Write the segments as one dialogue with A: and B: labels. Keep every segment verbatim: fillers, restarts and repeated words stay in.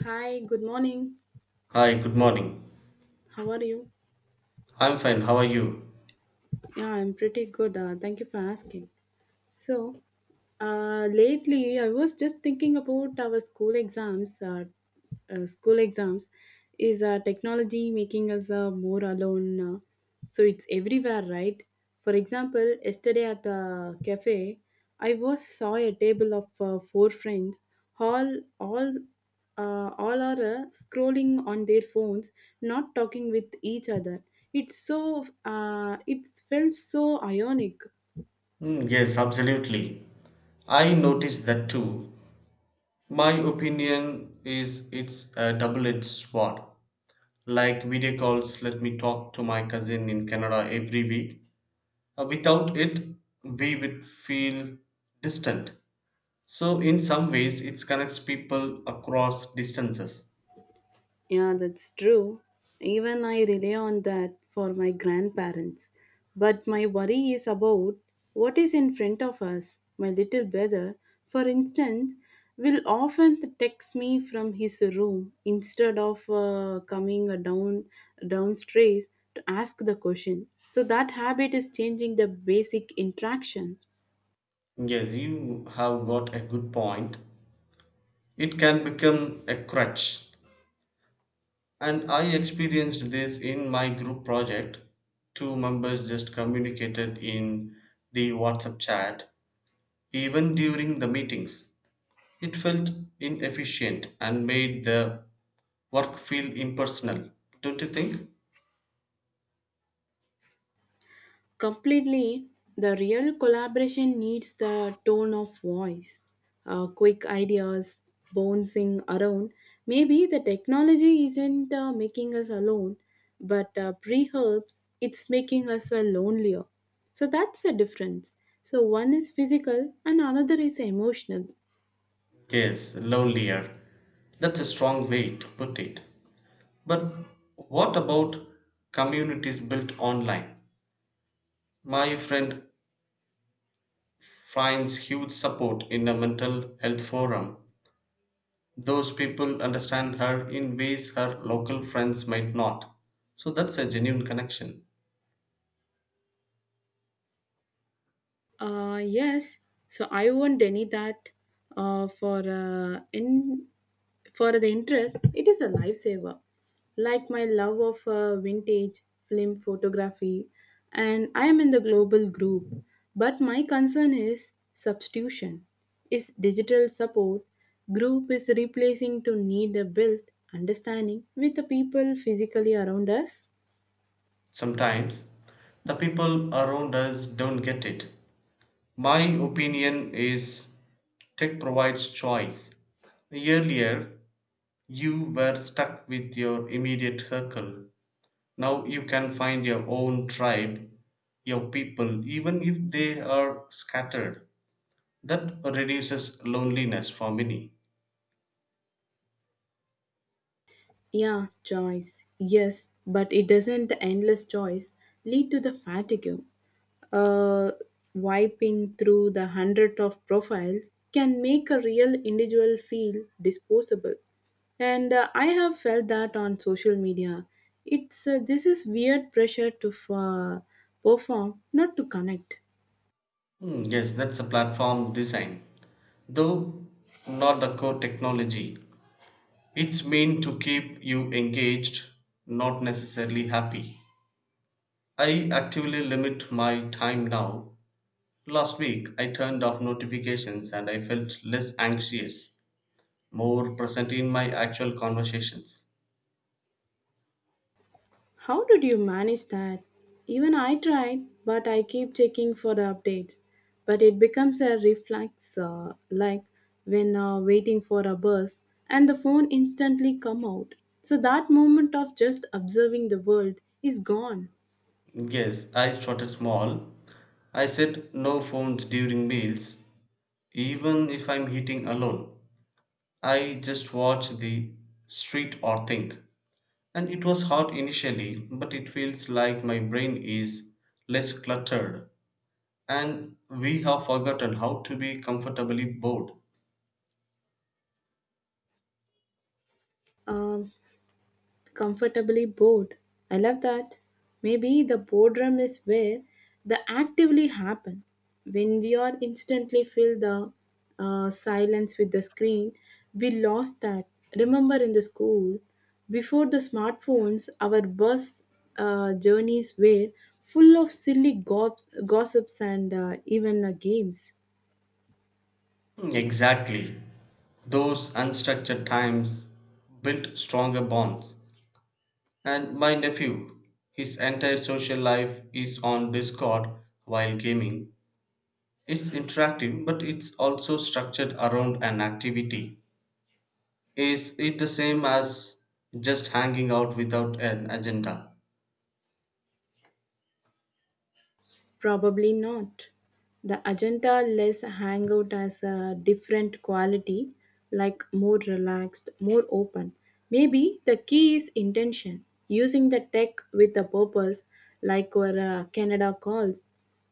A: Hi, good morning.
B: Hi, good morning.
A: How are you?
B: I'm fine. How are you?
A: Yeah, I'm pretty good. Uh, thank you for asking. So, uh, lately I was just thinking about our school exams. Uh, uh, school exams, is uh, technology making us uh, more alone? Uh, so it's everywhere, right? For example, yesterday at the cafe, I was saw a table of uh, four friends. All all uh, all are uh, scrolling on their phones, not talking with each other. It's so uh, it felt so ionic.
B: Mm, yes, absolutely. I noticed that too. My opinion is it's a double edged sword. Like video calls, let me talk to my cousin in Canada every week. Uh, without it, we would feel distant. So, in some ways, it connects people across distances.
A: Yeah, that's true. Even I rely on that for my grandparents. But my worry is about what is in front of us. My little brother, for instance, will often text me from his room instead of uh, coming uh, down downstairs to ask the question. So that habit is changing the basic interaction.
B: Yes, you have got a good point. It can become a crutch. And I experienced this in my group project. Two members just communicated in the WhatsApp chat, even during the meetings. It felt inefficient and made the work feel impersonal, don't you think?
A: Completely, the real collaboration needs the tone of voice, uh, quick ideas, bouncing around. Maybe the technology isn't uh, making us alone, but uh, perhaps it's making us uh, lonelier. So that's the difference. So one is physical and another is emotional.
B: Yes, lonelier. That's a strong way to put it. But what about communities built online? My friend finds huge support in a mental health forum. Those people understand her in ways her local friends might not. So that's a genuine connection.
A: Uh, yes, so I won't deny that, uh, for uh, in for the interest, it is a lifesaver. Like my love of uh, vintage film photography, and I am in the global group. But my concern is substitution. Is digital support group is replacing to need a built understanding with the people physically around us?
B: Sometimes the people around us don't get it. My opinion is tech provides choice. Earlier, you were stuck with your immediate circle. Now you can find your own tribe, your people, even if they are scattered. That reduces loneliness for many.
A: Yeah, choice. Yes, but it doesn't the endless choice lead to the fatigue. Uh, Wiping through the hundred of profiles can make a real individual feel disposable. And uh, I have felt that on social media. It's uh, This is weird pressure to f- uh, perform, not to connect.
B: Hmm, yes, that's a platform design, though not the core technology. It's meant to keep you engaged, not necessarily happy. I actively limit my time now. Last week, I turned off notifications and I felt less anxious, more present in my actual conversations.
A: How did you manage that? Even I tried, but I keep checking for the updates. But it becomes a reflex, uh, like when uh, waiting for a bus, and the phone instantly come out. So that moment of just observing the world is gone.
B: Yes, I started small. I said no phones during meals, even if I'm eating alone. I just watch the street or think. And it was hard initially, but it feels like my brain is less cluttered. And we have forgotten how to be comfortably bored.
A: Um Comfortably bored. I love that. Maybe the boredom is where the actively happen. When we are instantly fill the uh, silence with the screen, we lost that. Remember in the school, before the smartphones, our bus uh, journeys were full of silly gobs, gossips, and uh, even uh, games.
B: Exactly. Those unstructured times built stronger bonds. And my nephew, his entire social life is on Discord while gaming. It's interactive, but it's also structured around an activity. Is it the same as just hanging out without an agenda?
A: Probably not. The agenda less hangout has a different quality, like more relaxed, more open. Maybe the key is intention, using the tech with a purpose, like our uh, Canada calls,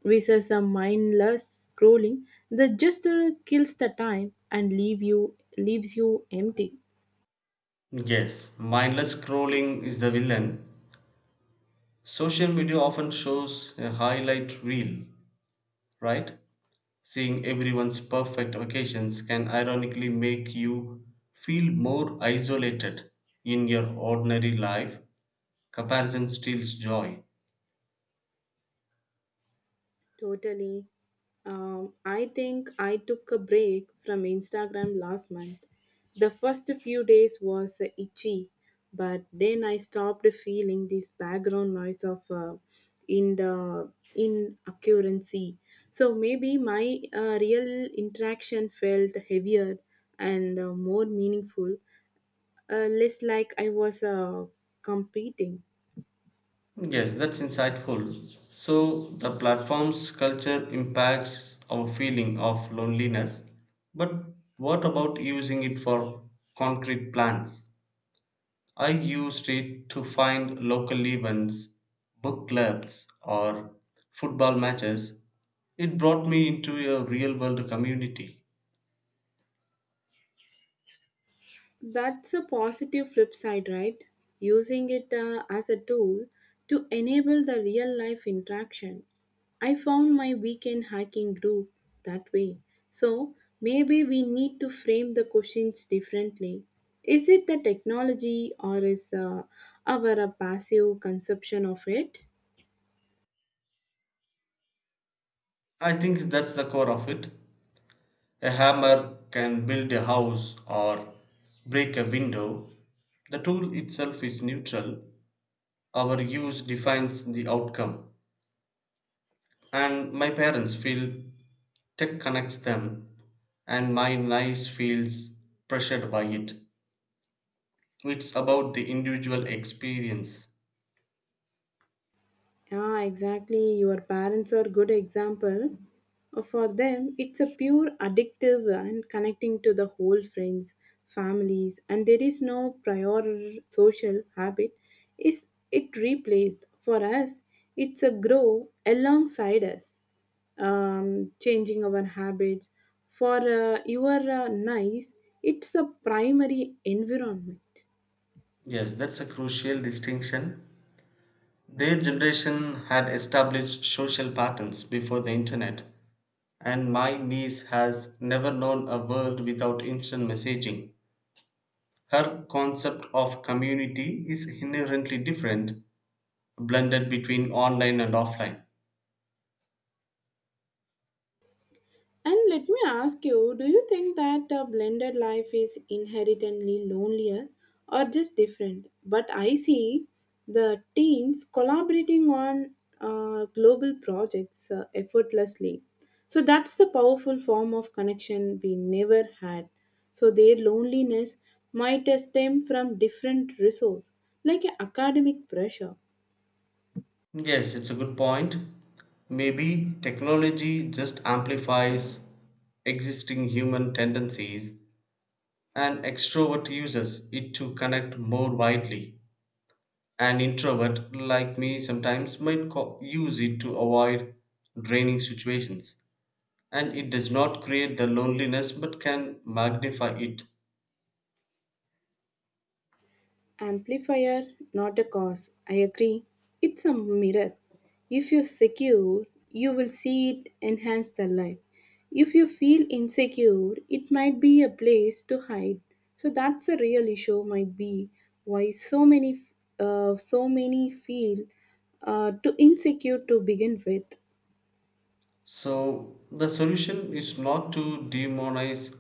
A: versus a mindless scrolling that just uh, kills the time and leave you leaves you empty.
B: Yes, mindless scrolling is the villain. Social media often shows a highlight reel, right? Seeing everyone's perfect occasions can ironically make you feel more isolated in your ordinary life. Comparison steals joy.
A: Totally. Um, I think I took a break from Instagram last month. The first few days was uh, itchy, but then I stopped feeling this background noise of, uh, in the inaccuracy. So maybe my uh, real interaction felt heavier and uh, more meaningful, uh, less like I was uh, competing.
B: Yes, that's insightful. So, the platform's culture impacts our feeling of loneliness. But what about using it for concrete plans? I used it to find local events, book clubs, or football matches. It brought me into a real world community.
A: That's a positive flip side, right? Using it uh, as a tool to enable the real life interaction. I found my weekend hiking group that way. So maybe we need to frame the questions differently. Is it the technology or is uh, our uh, passive conception of it?
B: I think that's the core of it. A hammer can build a house or break a window. The tool itself is neutral. Our use defines the outcome, and my parents feel tech connects them, and my niece feels pressured by it. It's about the individual experience.
A: Yeah, exactly. Your parents are good example. Uh, For them, it's a pure addictive and connecting to the whole friends, families, and there is no prior social habit. Is it replaced for us? It's a grow alongside us, um, changing our habits. For uh, your uh, nice, it's a primary environment.
B: Yes, that's a crucial distinction. Their generation had established social patterns before the internet, and my niece has never known a world without instant messaging. Her concept of community is inherently different, blended between online and offline.
A: And let me ask you, do you think that a blended life is inherently lonelier or just different? But I see the teens collaborating on uh, global projects uh, effortlessly. So that's the powerful form of connection we never had. So their loneliness might stem from different resources, like academic pressure.
B: Yes, it's a good point. Maybe technology just amplifies existing human tendencies. An extrovert uses it to connect more widely. An introvert, like me, sometimes might co- use it to avoid draining situations. And it does not create the loneliness but can magnify it.
A: Amplifier, not a cause. I agree. It's a mirror. If you secure, you will see it enhance the life. If you feel insecure, it might be a place to hide. So that's the real issue. Might be why so many, uh, so many feel uh, too insecure to begin with.
B: So, the solution is not to demonize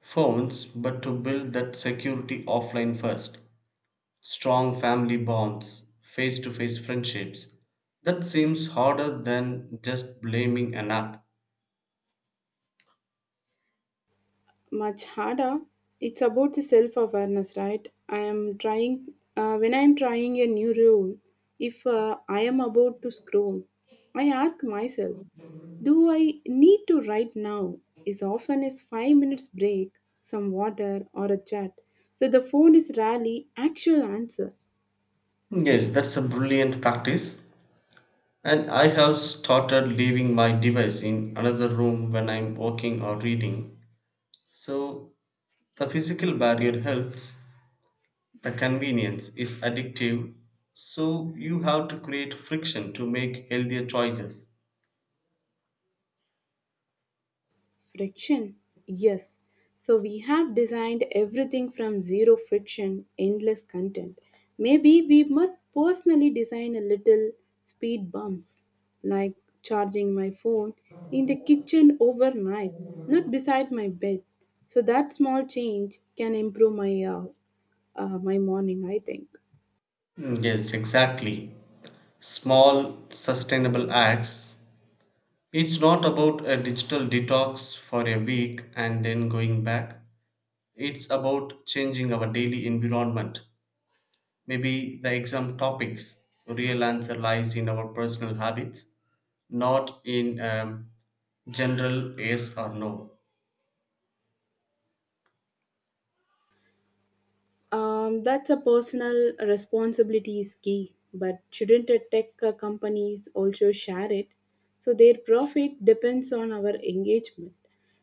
B: phones but to build that security offline first. Strong family bonds, face to face friendships. That seems harder than just blaming an app.
A: Much harder. It's about the self awareness, right? I am trying, uh, when I am trying a new role, if uh, I am about to scroll, I ask myself, do I need to write now? Is often is five minutes break, some water, or a chat. So the phone is rarely actual answer.
B: Yes, that's a brilliant practice. And I have started leaving my device in another room when I'm working or reading. So the physical barrier helps. The convenience is addictive. So you have to create friction to make healthier choices.
A: Friction? Yes. So we have designed everything from zero friction, endless content. Maybe we must personally design a little speed bumps, like charging my phone in the kitchen overnight, not beside my bed. So that small change can improve my uh, uh, my morning, I think.
B: Mm, yes, exactly. Small, sustainable acts. It's not about a digital detox for a week and then going back. It's about changing our daily environment. Maybe the exam topics real answer lies in our personal habits, not in um, general yes or no.
A: Um, that's a personal responsibility is key, but shouldn't a tech uh, companies also share it? So their profit depends on our engagement.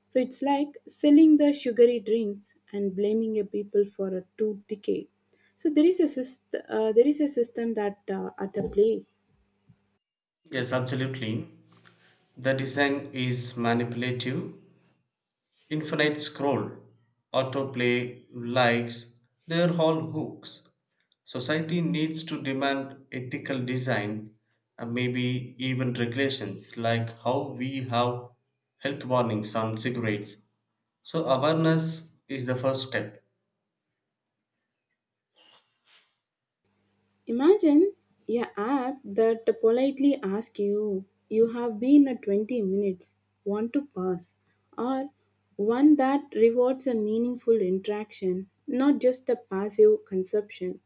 A: So it's like selling the sugary drinks and blaming a people for a tooth decay. So there is a syst- uh, there is a system that uh, at a play.
B: Yes, absolutely. The design is manipulative. Infinite scroll, autoplay, likes, they're all hooks. Society needs to demand ethical design and maybe even regulations like how we have health warnings on cigarettes. So, awareness is the first step.
A: Imagine a app that politely asks you, you have been at twenty minutes, want to pass, or one that rewards a meaningful interaction, not just a passive consumption.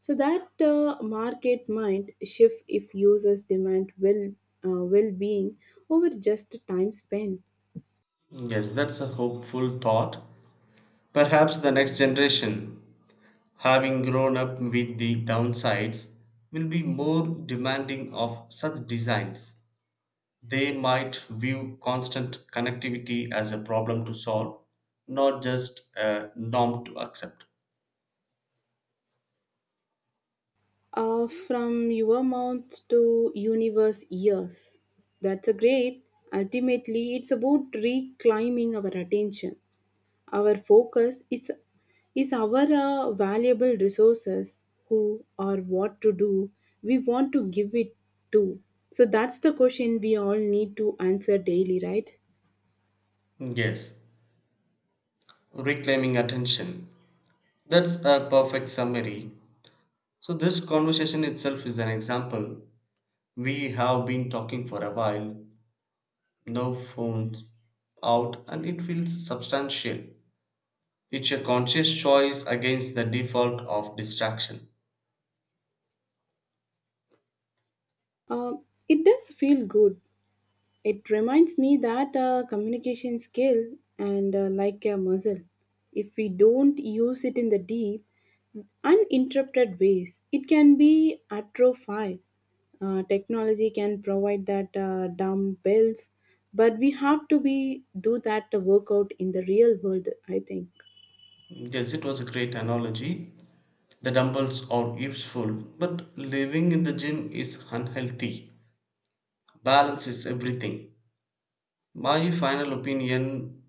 A: So that uh, market might shift if users demand well uh, well-being over just time spent.
B: Yes, that's a hopeful thought. Perhaps the next generation, having grown up with the downsides, will be more demanding of such designs. They might view constant connectivity as a problem to solve, not just a norm to accept.
A: Uh, from your mouth to universe years. That's a great. Ultimately, it's about reclaiming our attention. Our focus is is our uh, valuable resources, who or what to do. We want to give it to. So that's the question we all need to answer daily, right?
B: Yes, reclaiming attention. That's a perfect summary. So, this conversation itself is an example. We have been talking for a while, no phones out, and it feels substantial. It's a conscious choice against the default of distraction.
A: Uh, it does feel good. It reminds me that uh, communication skill and uh, like a muscle, if we don't use it in the deep, uninterrupted ways, it can be atrophied. Uh, technology can provide that uh, dumbbells, but we have to be do that workout in the real world, I think.
B: Yes, it was a great analogy. The dumbbells are useful, but living in the gym is unhealthy. Balance is everything. My final opinion.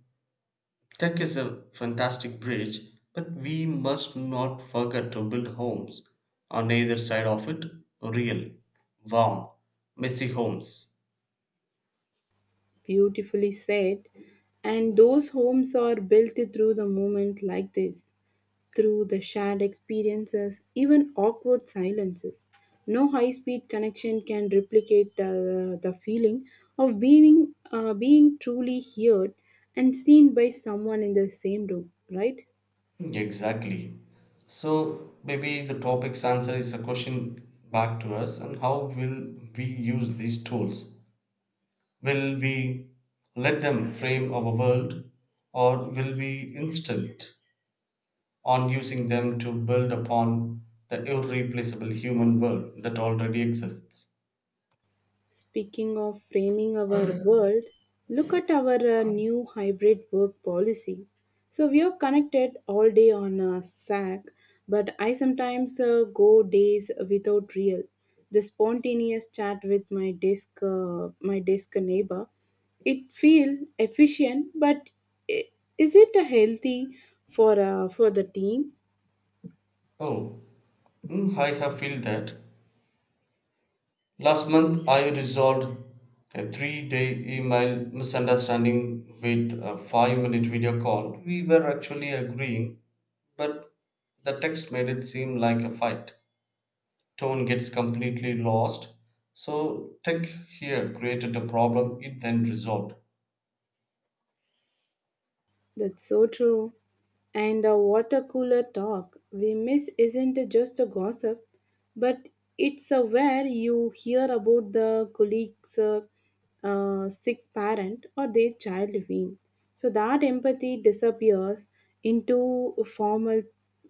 B: Tech is a fantastic bridge, but we must not forget to build homes on either side of it real, warm, messy homes.
A: Beautifully said, and those homes are built through the moment like this, through the shared experiences, even awkward silences. No high speed connection can replicate uh, the feeling of being, uh, being truly heard and seen by someone in the same room, right?
B: Exactly. So maybe the topic's answer is a question back to us and how will we use these tools? Will we let them frame our world or will we insist on using them to build upon the irreplaceable human world that already exists?
A: Speaking of framing our world, look at our uh, new hybrid work policy. So we are connected all day on a sack, but I sometimes uh, go days without real. The spontaneous chat with my desk, uh, my desk neighbor, it feel efficient, but i- is it uh, healthy for uh, for the team?
B: Oh, mm, I have felt that. Last month I resolved a three-day email misunderstanding with a five-minute video call. We were actually agreeing, but the text made it seem like a fight. Tone gets completely lost. So tech here created a problem it then resolved.
A: That's so true. And the water cooler talk we miss isn't just a gossip, but it's uh, where you hear about the colleague's uh, uh, sick parent or their child wean. So that empathy disappears into formal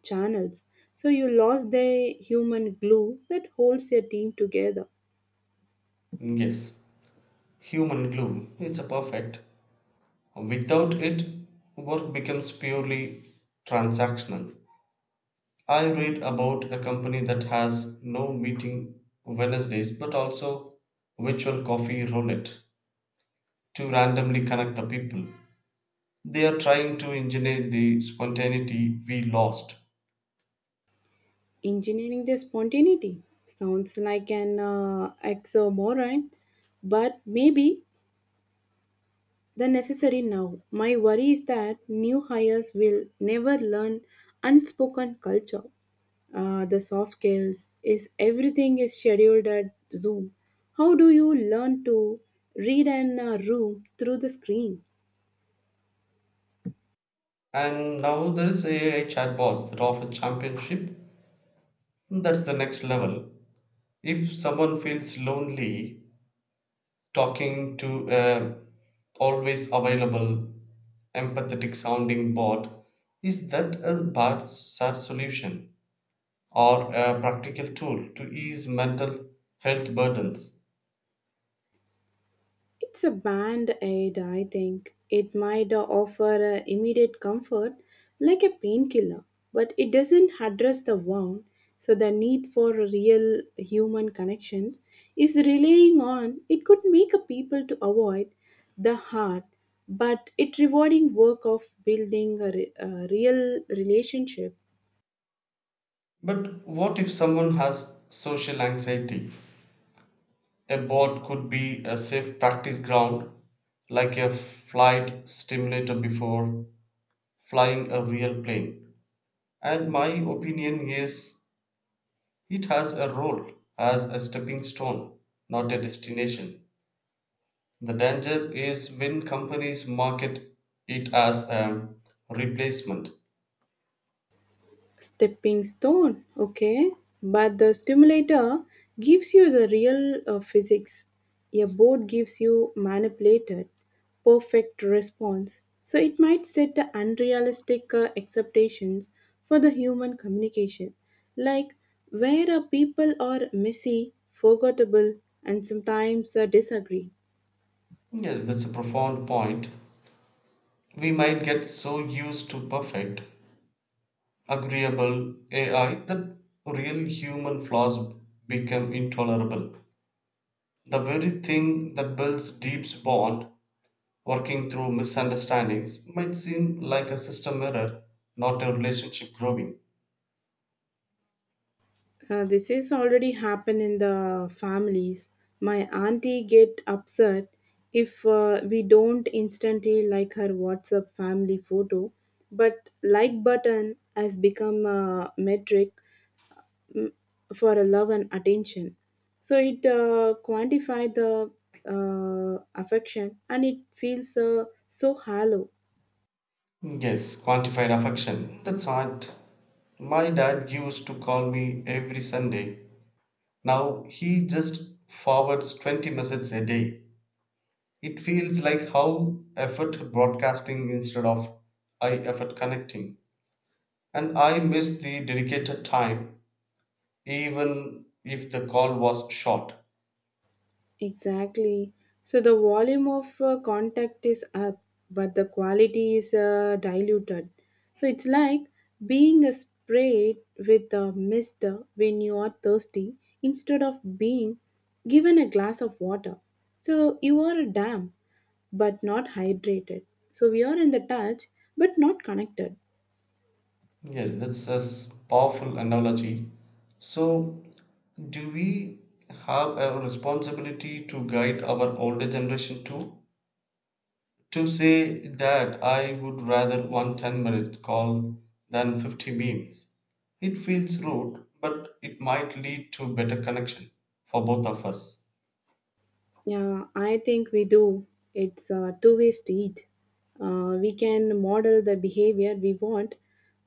A: channels. So you lost the human glue that holds your team together.
B: Yes, human glue. It's a perfect. Without it, work becomes purely transactional. I read about a company that has no meeting Wednesdays but also virtual coffee roulette to randomly connect the people. They are trying to engineer the spontaneity we lost.
A: Engineering the spontaneity sounds like an uh, oxymoron, but maybe the necessary now. My worry is that new hires will never learn unspoken culture. Uh, the soft skills is everything is scheduled at Zoom. How do you learn to read in a room through the screen?
B: And now there is A I chatbots that offer championship. That's the next level. If someone feels lonely, talking to a always available empathetic sounding bot, is that a bad sad solution? Or a practical tool to ease mental health burdens.
A: It's a band aid, I think. It might uh, offer uh, immediate comfort, like a painkiller, but it doesn't address the wound. So, the need for real human connections is relying on it could make a people to avoid the heart, but it rewarding work of building a, re- a real relationship.
B: But what if someone has social anxiety? A board could be a safe practice ground, like a flight stimulator before flying a real plane. And my opinion is it has a role as a stepping stone, not a destination. The danger is when companies market it as a replacement.
A: Stepping stone, okay, but the stimulator gives you the real uh, physics. A board gives you manipulated perfect response, so it might set the unrealistic uh, expectations for the human communication, like where uh, people are messy forgettable and sometimes uh, disagree.
B: Yes, that's a profound point. We might get so used to perfect, agreeable A I that real human flaws become intolerable. The very thing that builds deep bond, working through misunderstandings, might seem like a system error, not a relationship growing.
A: Uh, this is already happen in the families. My auntie get upset if uh, we don't instantly like her WhatsApp family photo, but like button has become a metric for a love and attention. So it uh, quantify the uh, affection and it feels uh, so hollow.
B: Yes, quantified affection. That's hard. My dad used to call me every Sunday. Now he just forwards twenty messages a day. It feels like how effort broadcasting instead of I effort connecting. And I miss the dedicated time, even if the call was short.
A: Exactly. So the volume of uh, contact is up, but the quality is uh, diluted. So it's like being uh, sprayed with a mist uh, when you are thirsty instead of being given a glass of water. So you are a dam, but not hydrated. So we are in the touch, but not connected.
B: Yes, that's a s- powerful analogy. So, do we have a responsibility to guide our older generation too? To say that I would rather one ten minute call than fifty memes, it feels rude, but it might lead to better connection for both of us.
A: Yeah, I think we do. It's a two way street. Uh, we can model the behavior we want,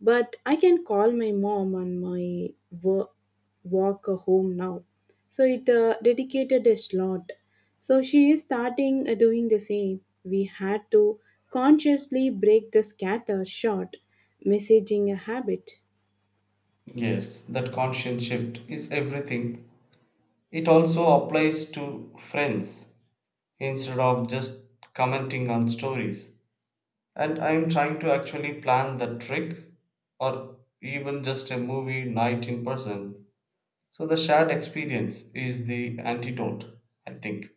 A: but I can call my mom on my wo- walk home now. So it uh, dedicated a slot. So she is starting uh, doing the same. We had to consciously break the scatter shot messaging habit.
B: Yes, that conscious shift is everything. It also applies to friends instead of just commenting on stories. And I'm trying to actually plan the trick or even just a movie night in person. So the shared experience is the antidote, I think.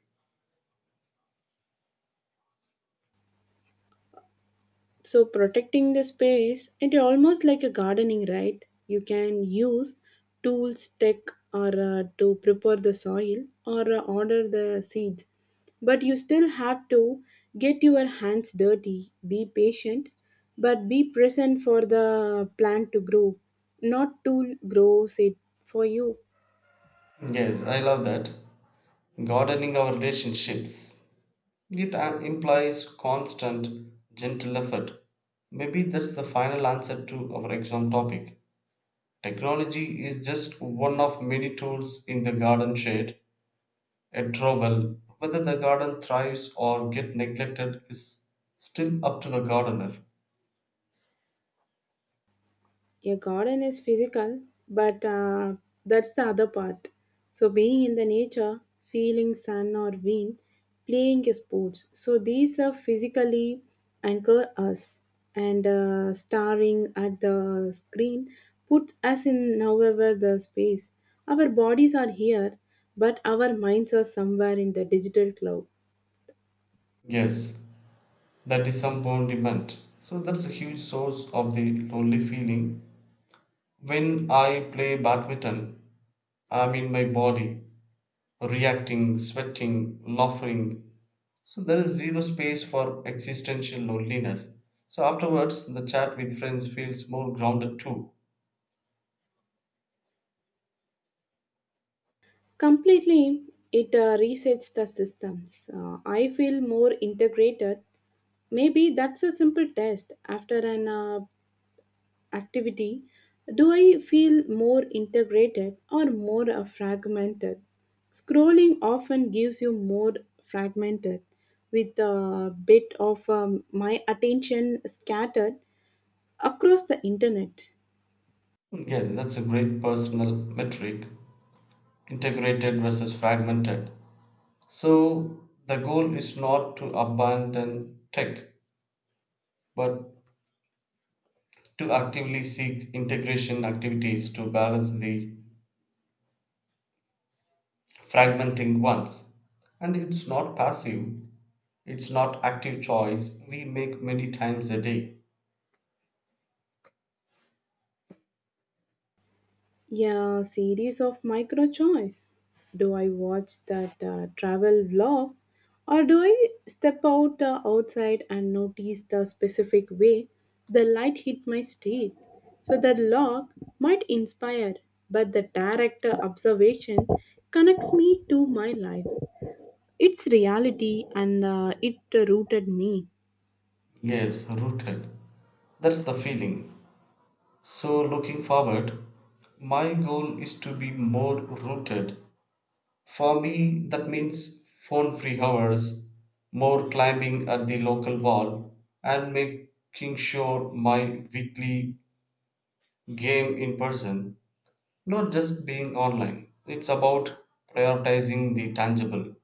A: So protecting the space and almost like a gardening, right? You can use tools, tech, or uh, to prepare the soil or uh, order the seeds, but you still have to get your hands dirty, be patient, but be present for the plant to grow, not tool grows it for you.
B: Yes, I love that. Gardening our relationships. It uh, implies constant, gentle effort. Maybe that's the final answer to our exam topic. Technology is just one of many tools in the garden shade. A trouble, whether the garden thrives or get neglected, is still up to the gardener.
A: A garden is physical, but uh, that's the other part. So being in the nature, feeling sun or wind, playing sports, so these are physically anchor us, and uh, staring at the screen puts us in however the space. Our bodies are here, but our minds are somewhere in the digital cloud.
B: Yes, that is some demand. So that's a huge source of the lonely feeling. When I play badminton, I'm in my body. Reacting, sweating, laughing. So there is zero space for existential loneliness. So afterwards, the chat with friends feels more grounded too.
A: Completely, it uh, resets the systems. Uh, I feel more integrated. Maybe that's a simple test after an uh, activity. Do I feel more integrated or more uh, fragmented? Scrolling often gives you more fragmented, with a bit of um, my attention scattered across the internet.
B: Yes, that's a great personal metric, integrated versus fragmented. So the goal is not to abandon tech, but to actively seek integration activities to balance the fragmenting ones. And it's not passive. It's not active choice we make many times a day.
A: Yeah, series of micro choice. Do I watch that uh, travel vlog or do I step out uh, outside and notice the specific way the light hit my street? So the log might inspire, but the direct uh, observation connects me to my life. It's reality and uh, it uh, rooted me.
B: Yes, rooted. That's the feeling. So, looking forward, my goal is to be more rooted. For me, that means phone free hours, more climbing at the local wall, and making sure my weekly game in person, not just being online. It's about prioritizing the tangible.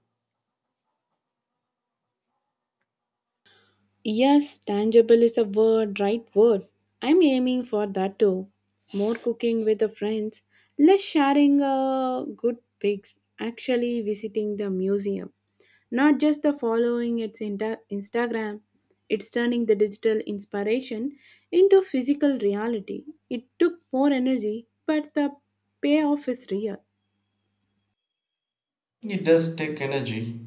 A: Yes, tangible is a word, right word. I'm aiming for that too. More cooking with the friends, less sharing uh, good pics, actually visiting the museum. Not just the following its inta- Instagram, it's turning the digital inspiration into physical reality. It took more energy, but the payoff is real.
B: It does take energy.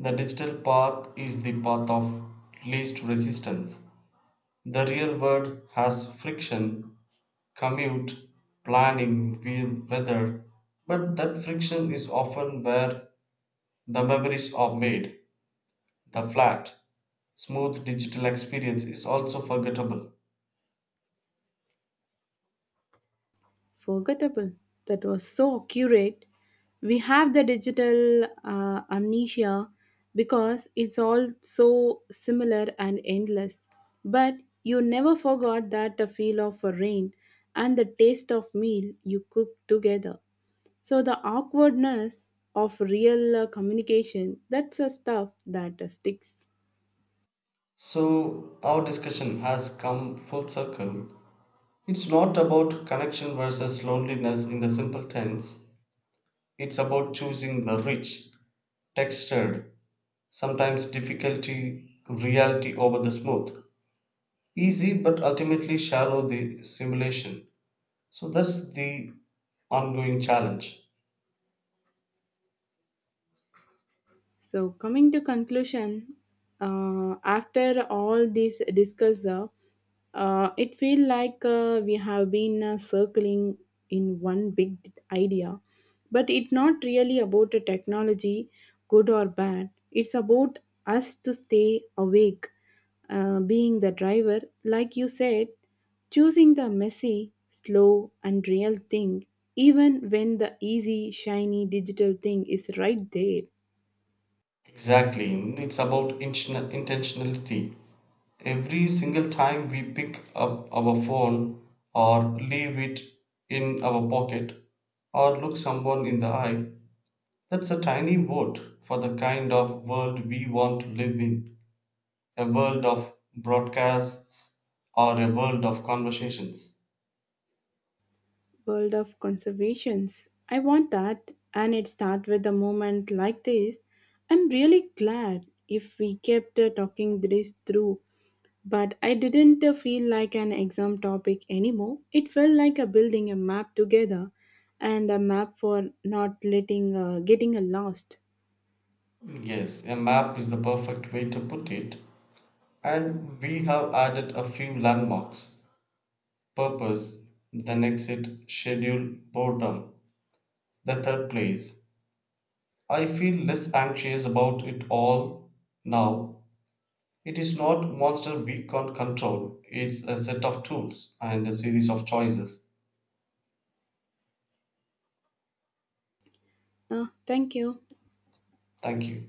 B: The digital path is the path of least resistance. The real world has friction, commute, planning, wheel, weather, but that friction is often where the memories are made. The flat, smooth digital experience is also forgettable.
A: Forgettable. That was so accurate. We have the digital uh, amnesia because it's all so similar and endless. But you never forgot that the feel of a rain and the taste of meal you cooked together. So the awkwardness of real uh, communication, that's a stuff that uh, sticks.
B: So, our discussion has come full circle. It's not about connection versus loneliness in the simple tense, it's about choosing the rich textured, sometimes difficulty reality over the smooth, easy but ultimately shallow the simulation. So that's the ongoing challenge.
A: So coming to conclusion, uh, after all this discuss, uh, uh, it feel like uh, we have been uh, circling in one big idea, but it's not really about the technology, good or bad. It's about us to stay awake, uh, being the driver, like you said, choosing the messy, slow, and real thing, even when the easy, shiny digital thing is right there.
B: Exactly, it's about intention- intentionality. Every single time we pick up our phone or leave it in our pocket or look someone in the eye, that's a tiny vote for the kind of world we want to live in. A world of broadcasts or a world of conversations.
A: World of conservations. I want that, and it starts with a moment like this. I'm really glad if we kept uh, talking this through, but I didn't uh, feel like an exam topic anymore. It felt like a building a map together and a map for not letting uh, getting uh, lost.
B: Yes, a map is the perfect way to put it, and we have added a few landmarks, purpose, then exit, schedule, boredom, the third place. I feel less anxious about it all now. It is not monster we can't control, it's a set of tools and a series of choices.
A: Uh, thank you.
B: Thank you.